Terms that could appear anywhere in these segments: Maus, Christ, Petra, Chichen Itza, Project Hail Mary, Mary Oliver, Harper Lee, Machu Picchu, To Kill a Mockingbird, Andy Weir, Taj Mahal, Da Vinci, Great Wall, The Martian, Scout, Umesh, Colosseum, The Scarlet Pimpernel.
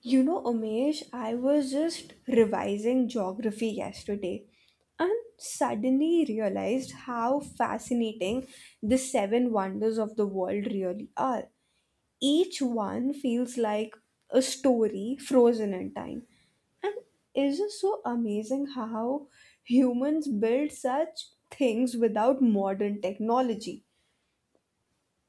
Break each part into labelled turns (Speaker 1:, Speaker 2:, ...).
Speaker 1: You know, Umesh, I was just revising geography yesterday and suddenly realized how fascinating the seven wonders of the world really are. Each one feels like a story frozen in time. And it's just so amazing how humans build such things without modern technology.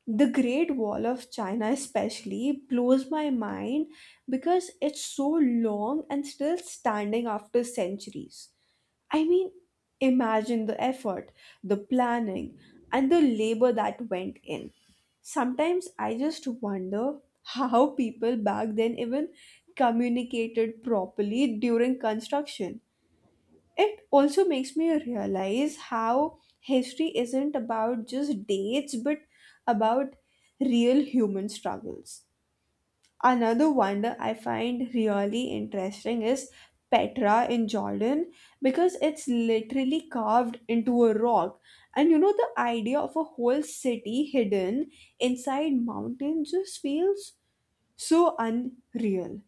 Speaker 1: The Great Wall of China, especially, blows my mind because it's so long and still standing after centuries. I mean, imagine the effort, the planning, and the labor that went in. Sometimes I just wonder how people back then even communicated properly during construction. It also makes me realize how history isn't about just dates but about real human struggles. Another wonder I find really interesting is Petra in Jordan because it's literally carved into a rock. And you know, the idea of a whole city hidden inside mountain just feels so unreal.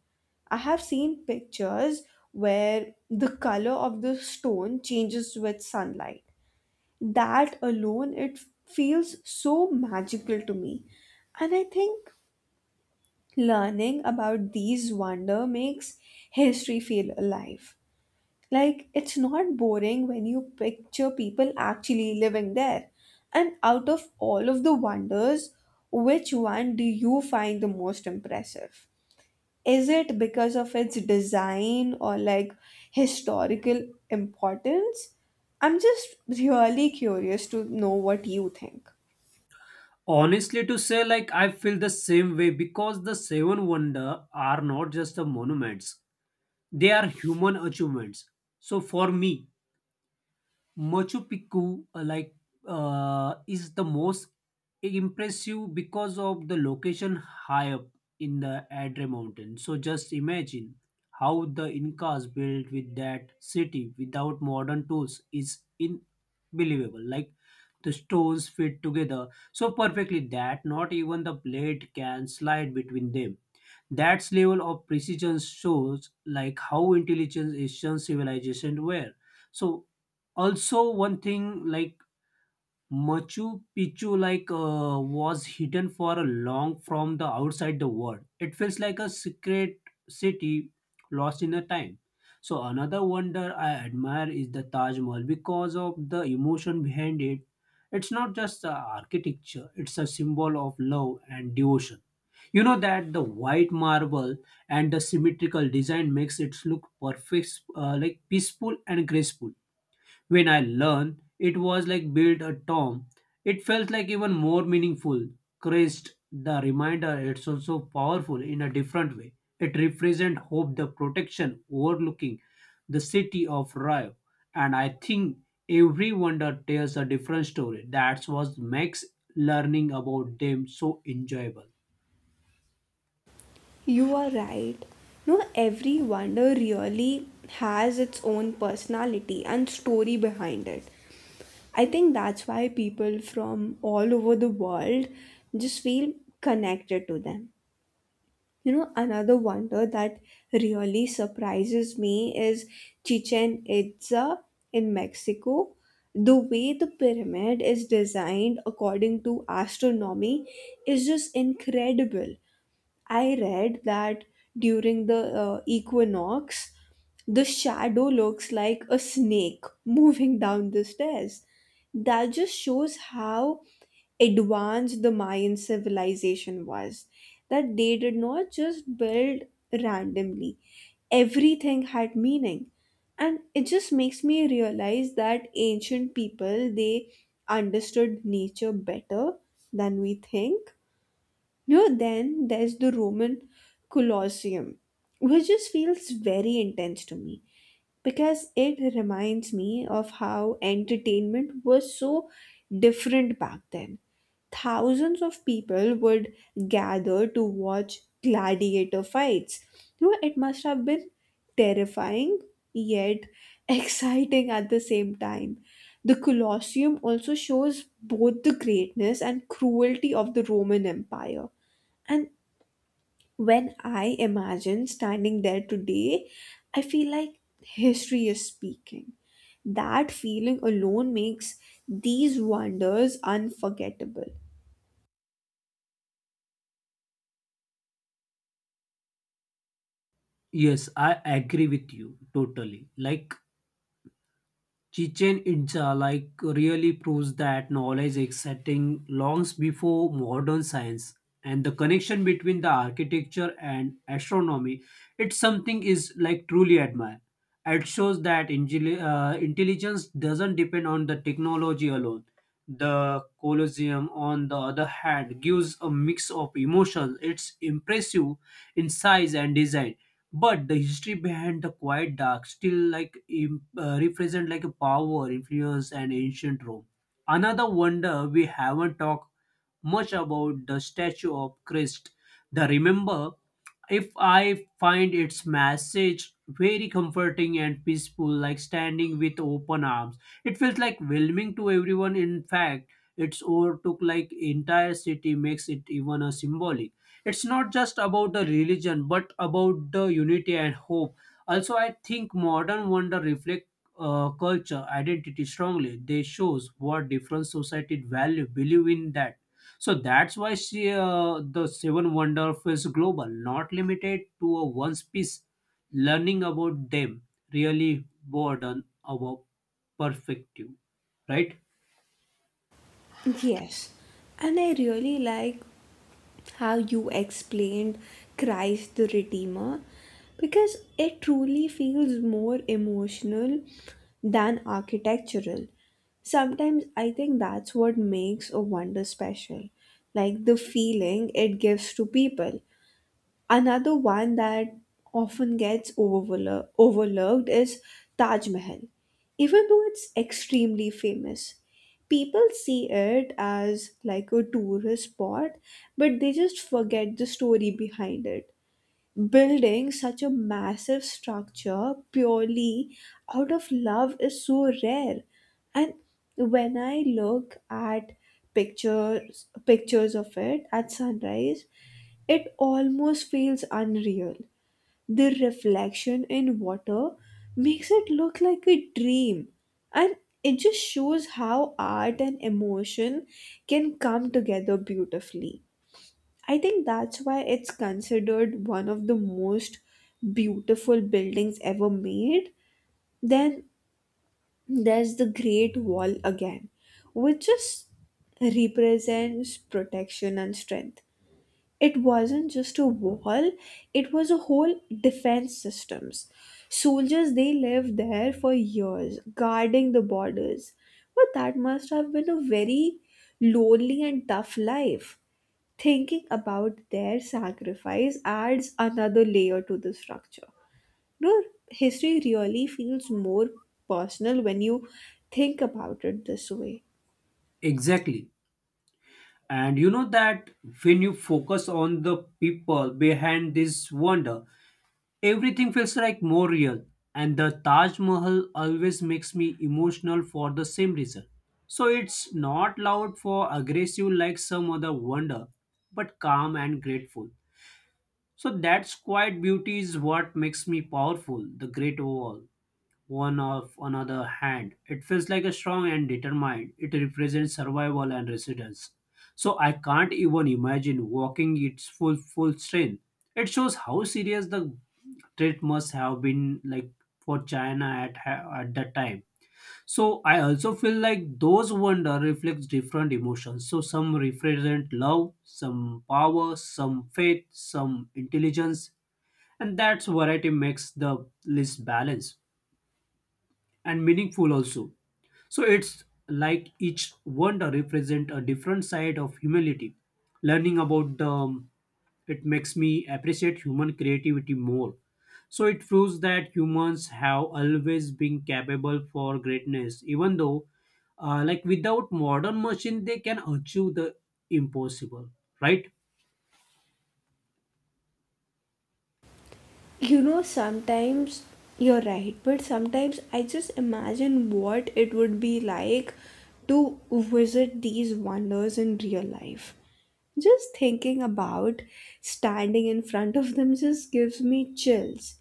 Speaker 1: I have seen pictures where the color of the stone changes with sunlight. That alone, it feels so magical to me. And I think learning about these wonder makes history feel alive. Like it's not boring when you picture people actually living there. And out of all of the wonders, which one do you find the most impressive? Is it because of its design or like historical importance? I'm just really curious to know what you think.
Speaker 2: Honestly, to say, like, I feel the same way because the seven wonder are not just the monuments, they are human achievements. So, for me, Machu Picchu, is the most impressive because of the location high up in the Adre Mountain. So just imagine how the Incas built with that city without modern tools is unbelievable. Like the stones fit together so perfectly that not even the blade can slide between them. That level of precision shows like how intelligent ancient civilization were. So also one thing like Machu Picchu like was hidden for a long from the outside the world. It feels like a secret city lost in a time. So another wonder I admire is the Taj Mahal because of the emotion behind it. It's not just the architecture; it's a symbol of love and devotion. You know that the white marble and the symmetrical design makes it look perfect, like peaceful and graceful. When I learned it was like built a tomb, it felt like even more meaningful. Christ, the reminder, it's also powerful in a different way. It represents hope, the protection overlooking the city of Rio. And I think every wonder tells a different story. That's what makes learning about them so enjoyable.
Speaker 1: You are right. No, every wonder really has its own personality and story behind it. I think that's why people from all over the world just feel connected to them. You know, another wonder that really surprises me is Chichen Itza in Mexico. The way the pyramid is designed according to astronomy is just incredible. I read that during the equinox, the shadow looks like a snake moving down the stairs. That just shows how advanced the Mayan civilization was. That they did not just build randomly, everything had meaning. And it just makes me realize that ancient people they understood nature better than we think. You know, then there's the Roman Colosseum, which just feels very intense to me because it reminds me of how entertainment was so different back then. Thousands of people would gather to watch gladiator fights. You know, it must have been terrifying yet exciting at the same time. The Colosseum also shows both the greatness and cruelty of the Roman Empire. And when I imagine standing there today, I feel like history is speaking. That feeling alone makes these wonders unforgettable.
Speaker 2: Yes, I agree with you totally. Like Chichen Itza like really proves that knowledge existing longs before modern science, and the connection between the architecture and astronomy, it's something is like truly admire. It shows that intelligence doesn't depend on the technology alone. The colosseum on the other hand gives a mix of emotions. It's impressive in size and design, but the history behind the quiet dark still like represent like a power, influence, and ancient Rome. Another wonder we haven't talked much about the statue of Christ. The remember, if I find its message very comforting and peaceful, like standing with open arms. It feels like welcoming to everyone. In fact, its overtook like entire city makes it even a symbolic. It's not just about the religion but about the unity and hope. Also I think modern wonder reflect culture identity strongly. They shows what different society value believe in that. So that's why the seven wonder feels global, not limited to a one piece. Learning about them really broaden our perspective, right?
Speaker 1: Yes, and I really like how you explained Christ the Redeemer because it truly feels more emotional than architectural. Sometimes I think that's what makes a wonder special, like the feeling it gives to people. Another one that overlooked is Taj Mahal. Even though it's extremely famous, people see it as like a tourist spot, but they just forget the story behind it, building such a massive structure purely out of love is so rare. And when I look at pictures of it at sunrise, it almost feels unreal. The reflection in water makes it look like a dream, and it just shows how art and emotion can come together beautifully. I think that's why it's considered one of the most beautiful buildings ever made. Then there's the Great Wall again, which just represents protection and strength. It wasn't just a wall, it was a whole defense systems. Soldiers they lived there for years, guarding the borders. But that must have been a very lonely and tough life. Thinking about their sacrifice adds another layer to the structure. You know, history really feels more personal when you think about it this way.
Speaker 2: Exactly. And you know that when you focus on the people behind this wonder, everything feels like more real. And the Taj Mahal always makes me emotional for the same reason. So it's not loud for aggressive like some other wonder, but calm and grateful. So that's quiet beauty is what makes me powerful, the great overall one of another hand. It feels like a strong and determined. It represents survival and resilience. So I can't even imagine walking its full strength. It shows how serious the threat must have been like for China at that time. So I also feel like those wonder reflects different emotions. So some represent love, some power, some faith, some intelligence, and that's variety makes the list balance and meaningful also. So it's like each wonder represent a different side of humility. Learning about them, it makes me appreciate human creativity more. So it proves that humans have always been capable for greatness, even though, like without modern machine, they can achieve the impossible, right?
Speaker 1: You know, sometimes you're right, but sometimes I just imagine what it would be like to visit these wonders in real life. Just thinking about standing in front of them just gives me chills.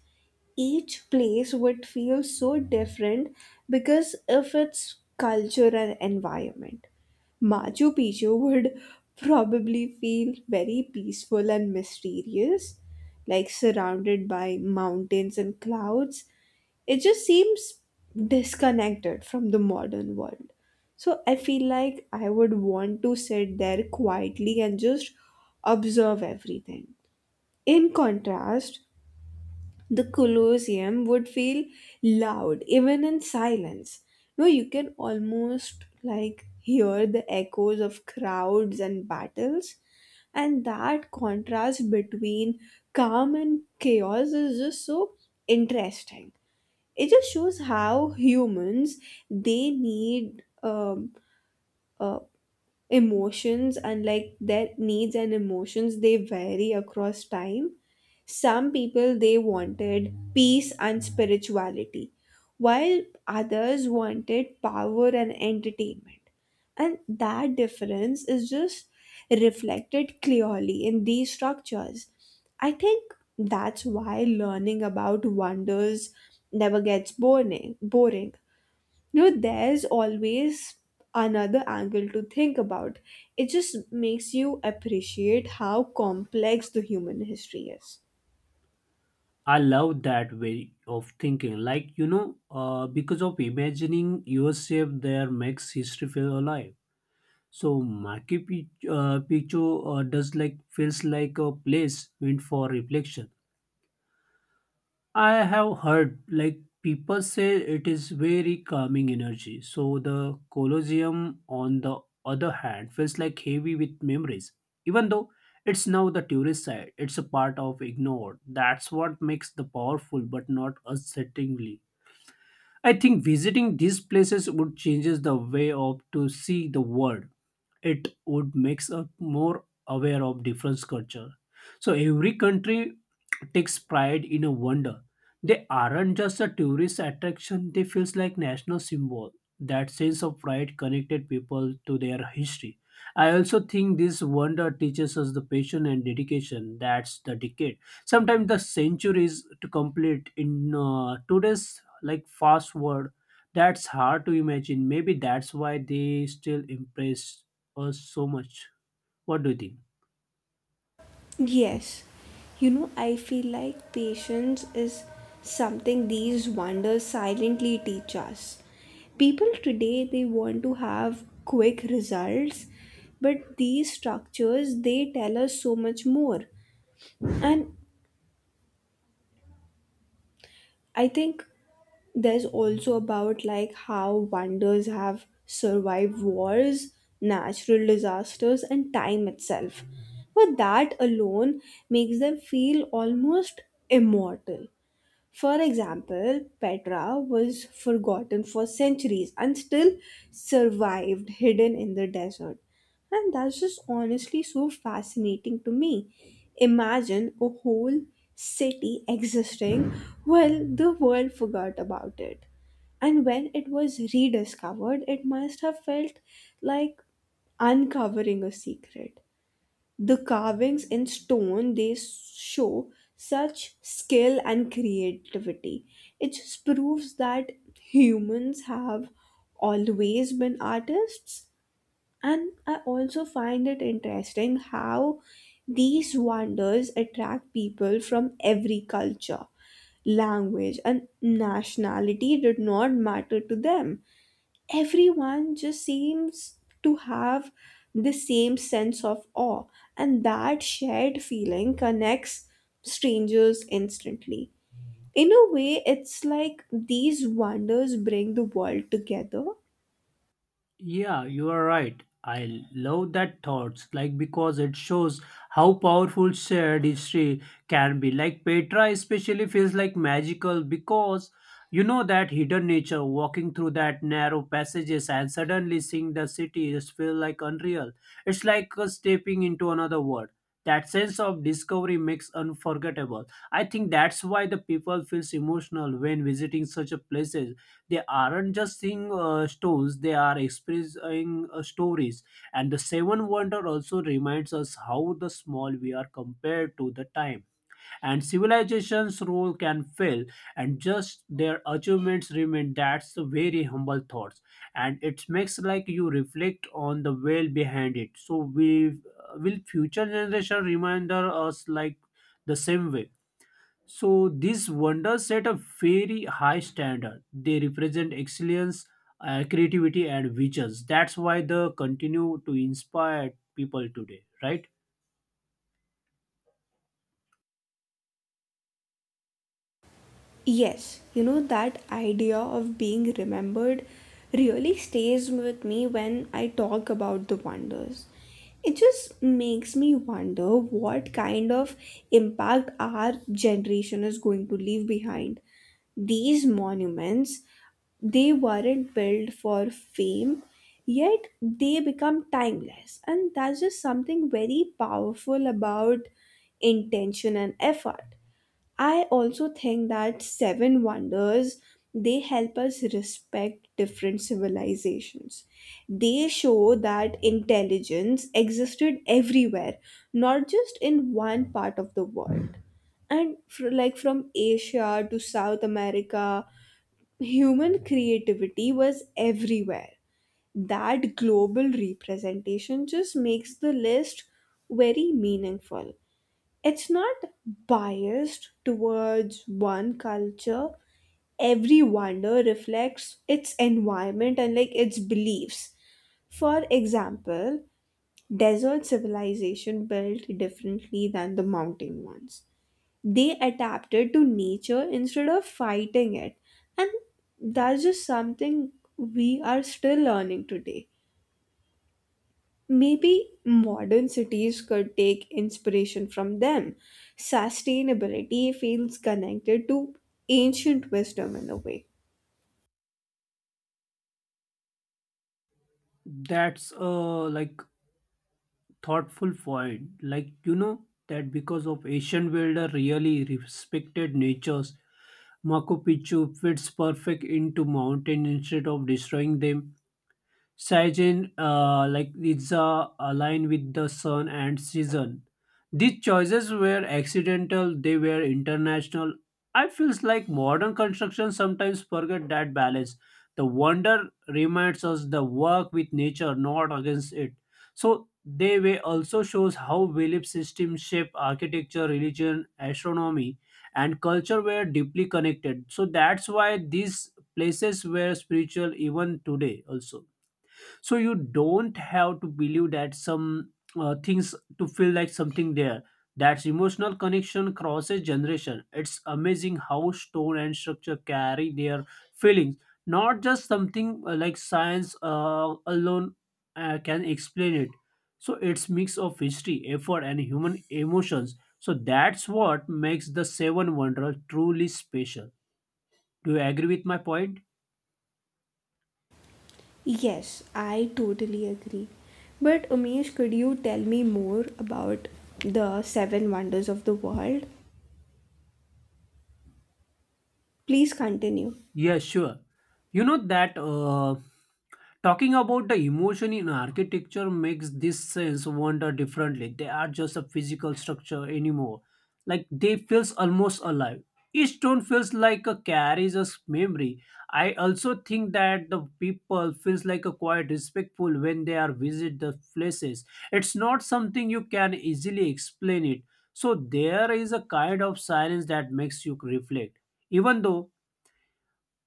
Speaker 1: Each place would feel so different because of its culture and environment. Machu Picchu would probably feel very peaceful and mysterious, like surrounded by mountains and clouds. It just seems disconnected from the modern world. So I feel like I would want to sit there quietly and just observe everything. In contrast, the Colosseum would feel loud even in silence. No, you can almost like hear the echoes of crowds and battles, and that contrast between calm and chaos is just so interesting. It just shows how humans they need uh, emotions, and like their needs and emotions they vary across time. Some people they wanted peace and spirituality, while others wanted power and entertainment. And that difference is just reflected clearly in these structures. I think that's why learning about wonders never gets boring. You know, there's always another angle to think about. It just makes you appreciate how complex the human history is.
Speaker 2: I love that way of thinking. Like you know, because of imagining yourself there makes history feel alive. So Machu Picchu does like feels like a place meant for reflection. I have heard like people say it is very calming energy. So the Colosseum on the other hand feels like heavy with memories. Even though it's now the tourist side, it's a part of ignored. That's what makes the powerful but not unsettlingly. I think visiting these places would changes the way of to see the world. It would makes us more aware of different culture. So every country takes pride in a wonder. They aren't just a tourist attraction, they feels like national symbol. That sense of pride connected people to their history. I also think this wonder teaches us the patience and dedication that's the decade. Sometimes the centuries to complete in today's like fast world. That's hard to imagine. Maybe that's why they still impress us so much. What do you think?
Speaker 1: Yes, you know, I feel like patience is something these wonders silently teach us. People today they want to have quick results, but these structures they tell us so much more. And I think there's also about like how wonders have survived wars, natural disasters, and time itself. But that alone makes them feel almost immortal. For example, Petra was forgotten for centuries and still survived hidden in the desert. And that's just honestly so fascinating to me. Imagine a whole city existing while the world forgot about it. And when it was rediscovered, it must have felt like uncovering a secret. The carvings in stone they show such skill and creativity. It just proves that humans have always been artists. And I also find it interesting how these wonders attract people from every culture, language, and nationality did not matter to them. Everyone just seems to have the same sense of awe, and that shared feeling connects strangers instantly. In a way, it's like these wonders bring the world together.
Speaker 2: Yeah, you are right. I love that thoughts like because it shows how powerful shared history can be. Like Petra especially feels like magical because you know that hidden nature walking through that narrow passages and suddenly seeing the city just feel like unreal. It's like stepping into another world. That sense of discovery makes unforgettable. I think that's why the people feels emotional when visiting such a places. They aren't just seeing stores they are expressing stories. And the seven wonder also reminds us how the small we are compared to the time and civilization's role can fail, and just their achievements remain. That's a very humble thoughts, and it makes like you reflect on the well behind it. So we, will future generation reminder us like the same way. So these wonders set a very high standard. They represent excellence, creativity, and visions. That's why they continue to inspire people today, right?
Speaker 1: Yes, you know, that idea of being remembered really stays with me when I talk about the wonders. It just makes me wonder what kind of impact our generation is going to leave behind. These monuments, they weren't built for fame, yet they become timeless. And that's just something very powerful about intention and effort. I also think that seven wonders they help us respect different civilizations. They show that intelligence existed everywhere, not just in one part of the world. And fr like from Asia to South America, human creativity was everywhere. That global representation just makes the list very meaningful. It's not biased towards one culture. Every wonder reflects its environment and like its beliefs. For example, desert civilization built differently than the mountain ones. They adapted to nature instead of fighting it. And that's just something we are still learning today. Maybe modern cities could take inspiration from them. Sustainability feels connected to ancient wisdom in a way.
Speaker 2: That's a like thoughtful point. Like you know that because of Asian builder really respected natures, Machu Picchu fits perfect into mountain instead of destroying them. Like Ritza, align with the sun and season. These choices were accidental, they were international. I feels like modern construction sometimes forget that balance. The wonder reminds us the work with nature, not against it. So they way also shows how belief systems shape architecture, religion, astronomy, and culture were deeply connected. So that's why these places were spiritual even today also. So you don't have to believe that some things to feel like something there. That's emotional connection crosses generation. It's amazing how stone and structure carry their feelings, not just something, like science alone, can explain it. So it's mix of history effort and human emotions. So that's what makes the seven wonder truly special. Do you agree with my point?
Speaker 1: Yes, I totally agree. But Umesh, could you tell me more about the seven wonders of the world? Please continue.
Speaker 2: Yeah, sure. You know that talking about the emotion in architecture makes this sense wonder differently. They are just a physical structure anymore. Like they feels almost alive. Each stone feels like a carries a memory. I also think that the people feels like a quite respectful when they are visit the places. It's not something you can easily explain it. So there is a kind of silence that makes you reflect. Even though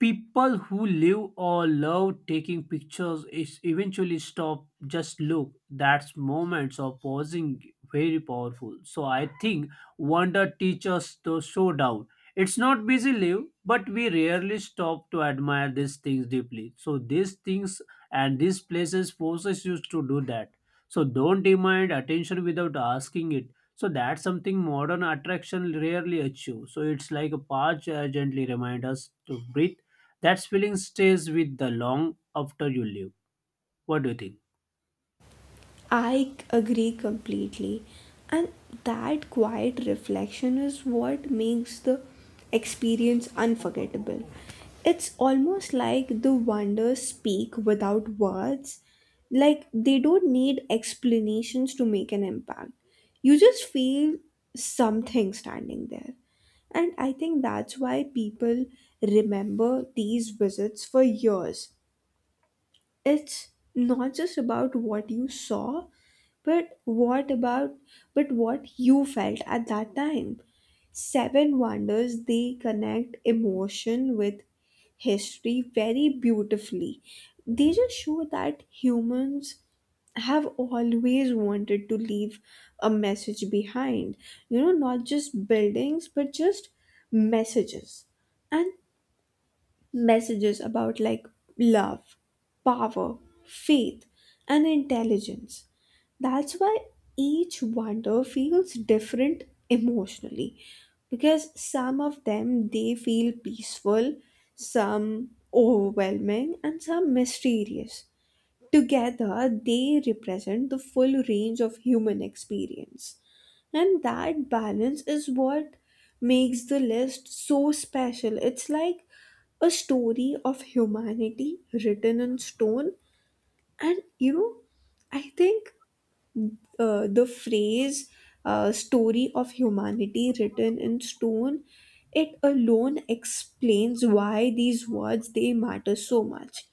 Speaker 2: people who live or love taking pictures is eventually stop just look, that's moments of pausing very powerful. So I think wonder teaches to slow down. It's not busy live but we rarely stop to admire these things deeply, so these things and these places forces you to do that. So don't demand attention without asking it. So that's something modern attraction rarely achieves. So it's like a patch gently remind us to breathe. That feeling stays with the long after you leave. What do you think?
Speaker 1: I agree completely. And that quiet reflection is what makes the experience unforgettable. It's almost like the wonders speak without words, like they don't need explanations to make an impact. You just feel something standing there. And I think that's why people remember these visits for years. It's not just about what you saw, but what about but what you felt at that time. Seven wonders they connect emotion with history very beautifully. They just show that humans have always wanted to leave a message behind, you know, not just buildings but just messages. And messages about like love, power, faith, and intelligence. That's why each wonder feels different emotionally, because some of them they feel peaceful, some overwhelming, and some mysterious. Together, they represent the full range of human experience. And that balance is what makes the list so special. It's like a story of humanity written in stone. And you know, I think the phrase story of humanity written in stone, it alone explains why these words they matter so much.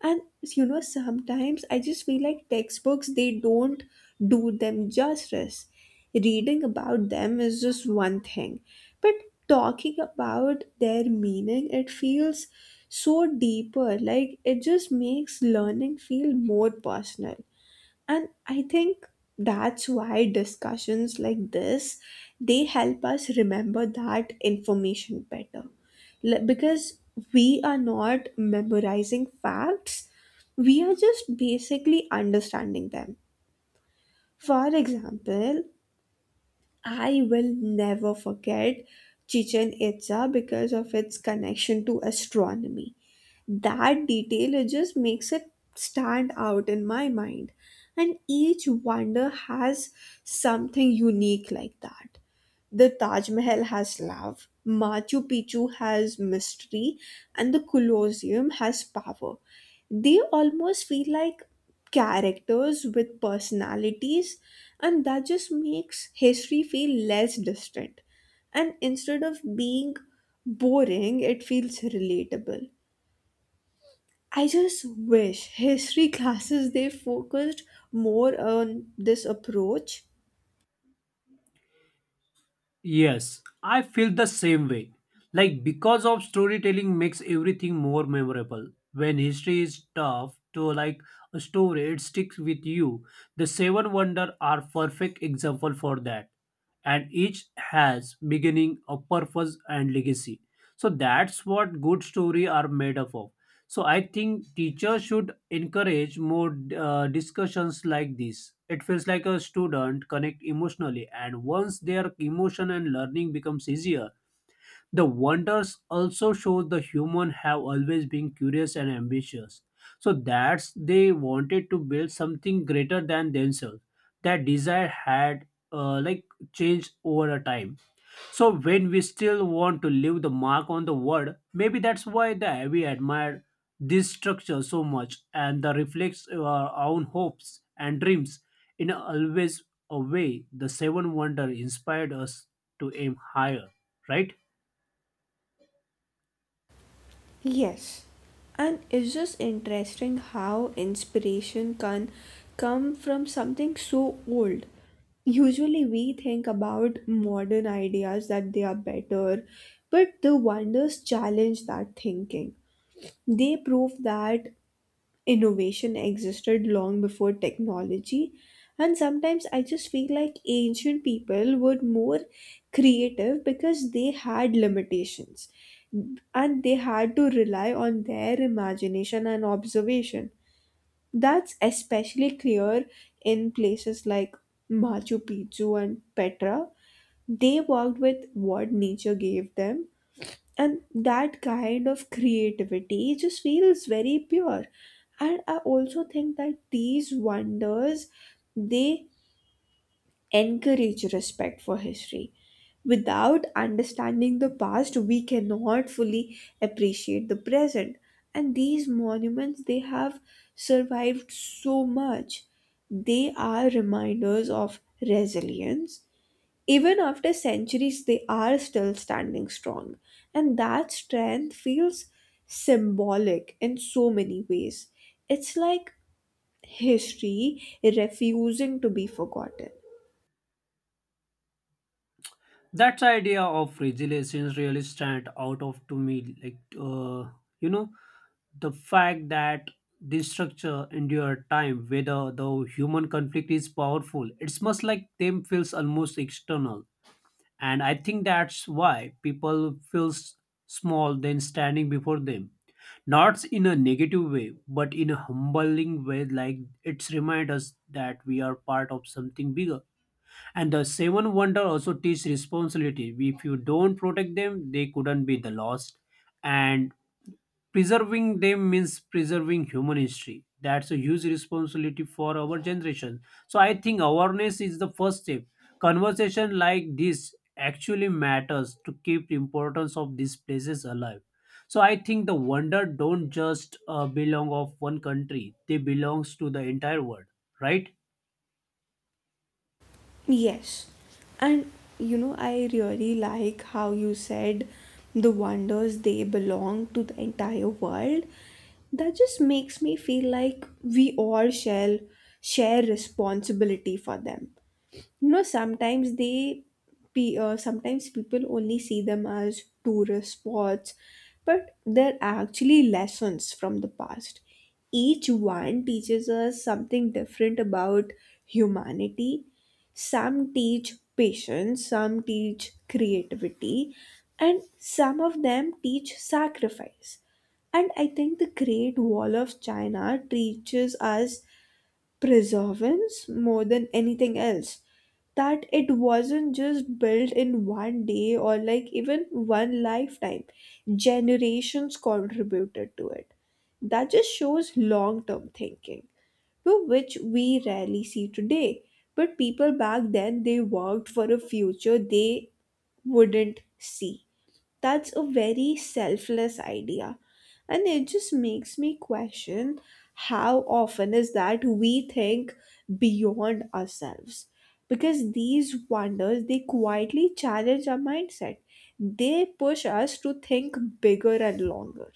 Speaker 1: And you know, sometimes I just feel like textbooks they don't do them justice. Reading about them is just one thing, but talking about their meaning it feels so deeper. Like it just makes learning feel more personal. And I think that's why discussions like this they help us remember that information better, because we are not memorizing facts, we are just basically understanding them. For example, I will never forget Chichen Itza because of its connection to astronomy. That detail it just makes it stand out in my mind, and each wonder has something unique like that. The Taj Mahal has love, Machu Picchu has mystery, and the Colosseum has power. They almost feel like characters with personalities, and that just makes history feel less distant. And instead of being boring, it feels relatable. I just wish history classes they focused more on this approach.
Speaker 2: Yes, I feel the same way. Like because of storytelling makes everything more memorable. When history is tough to like a story, it sticks with you. The Seven Wonder are perfect example for that. And each has beginning, a purpose and legacy. So that's what good story are made up of. So I think teachers should encourage more discussions like this. It feels like a student connect emotionally, and once their emotion and learning becomes easier, the wonders also show the human have always been curious and ambitious. So that's they wanted to build something greater than themselves. That desire had uh, like changed over a time. So when we still want to leave the mark on the world, maybe that's why the we admire this structure so much and the reflects our own hopes and dreams in always a way. The seven wonder inspired us to aim higher, right?
Speaker 1: Yes, and it's just interesting how inspiration can come from something so old. Usually, we think about modern ideas that they are better, but the wonders challenge that thinking. They prove that innovation existed long before technology, and sometimes I just feel like ancient people were more creative because they had limitations and they had to rely on their imagination and observation. That's especially clear in places like Machu Picchu and Petra. They worked with what nature gave them, and that kind of creativity just feels very pure. And I also think that these wonders they encourage respect for history. Without understanding the past we cannot fully appreciate the present, and these monuments they have survived so much. They are reminders of resilience. Even after centuries, they are still standing strong. And that strength feels symbolic in so many ways. It's like history refusing to be forgotten.
Speaker 2: That idea of resilience really stand out of to me, like you know the fact that this structure endure time whether the human conflict is powerful. It's much like them feels almost external. And I think that's why people feels small then standing before them, not in a negative way but in a humbling way. Like it's remind us that we are part of something bigger. And the seven wonder also teach responsibility. If you don't protect them they couldn't be the lost, and preserving them means preserving human history. That's a huge responsibility for our generation. So I think awareness is the first step. Conversation like this actually matters to keep the importance of these places alive. So I think the wonder don't just belong of one country, they belongs to the entire world, right?
Speaker 1: Yes. And you know, I really like how you said the wonders they belong to the entire world. That just makes me feel like we all shall share responsibility for them. You know, sometimes sometimes people only see them as tourist spots, but they're actually lessons from the past. Each one teaches us something different about humanity. Some teach patience, some teach creativity, and some of them teach sacrifice. And I think the Great Wall of China teaches us preservance more than anything else. That it wasn't just built in one day or like even one lifetime, generations contributed to it. That just shows long term thinking, to which we rarely see today. But people back then they worked for a future they wouldn't see. That's a very selfless idea, and it just makes me question how often is that we think beyond ourselves, because these wonders they quietly challenge our mindset. They push us to think bigger and longer.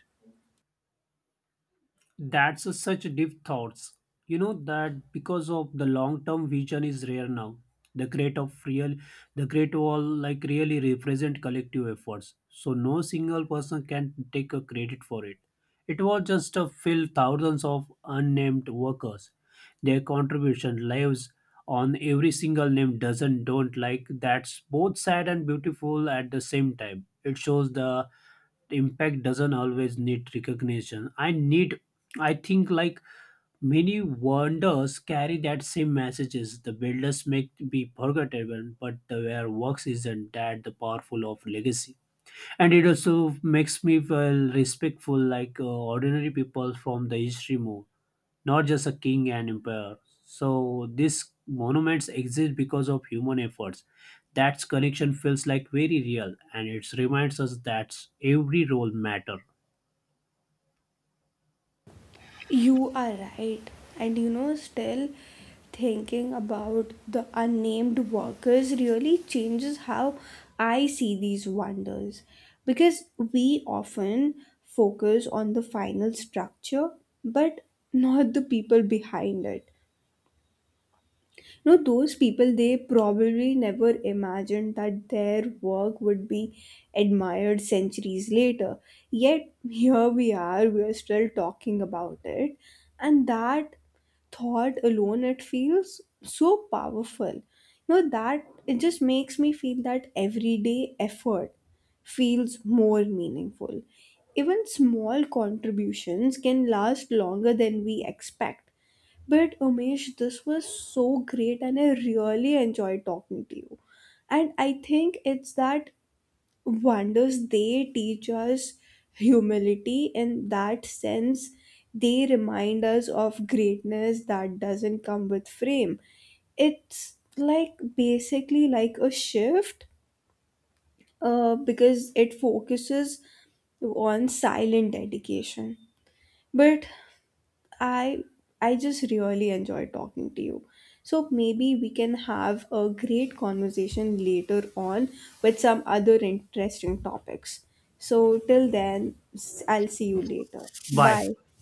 Speaker 2: That's a such deep thoughts. You know that because of the long term vision is rare now. The great of real, the great wall like really represent collective efforts. So no single person can take a credit for it. It was just a fill thousands of unnamed workers. Their contribution lives on every single name doesn't don't like. That's both sad and beautiful at the same time. It shows the impact doesn't always need recognition. I need I think like many wonders carry that same messages. The builders may be forgettable, but the their works isn't that the powerful of legacy. And it also makes me feel respectful like ordinary people from the history more, not just a king and empire. So these monuments exist because of human efforts. That connection feels like very real, and it reminds us that every role matter.
Speaker 1: You are right. And you know, still thinking about the unnamed workers really changes how I see these wonders. Because we often focus on the final structure, but not the people behind it. You know those people they probably never imagined that their work would be admired centuries later, yet here we are, we are still talking about it. And that thought alone it feels so powerful, you know. That it just makes me feel that everyday effort feels more meaningful. Even small contributions can last longer than we expect. But Umesh, this was so great and I really enjoyed talking to you. And I think it's that wonders they teach us humility in that sense. They remind us of greatness that doesn't come with frame. It's like basically like a shift because it focuses on silent dedication. But I I just really enjoyed talking to you. So maybe we can have a great conversation later on with some other interesting topics. So till then, I'll see you later.
Speaker 2: Bye.
Speaker 1: Bye.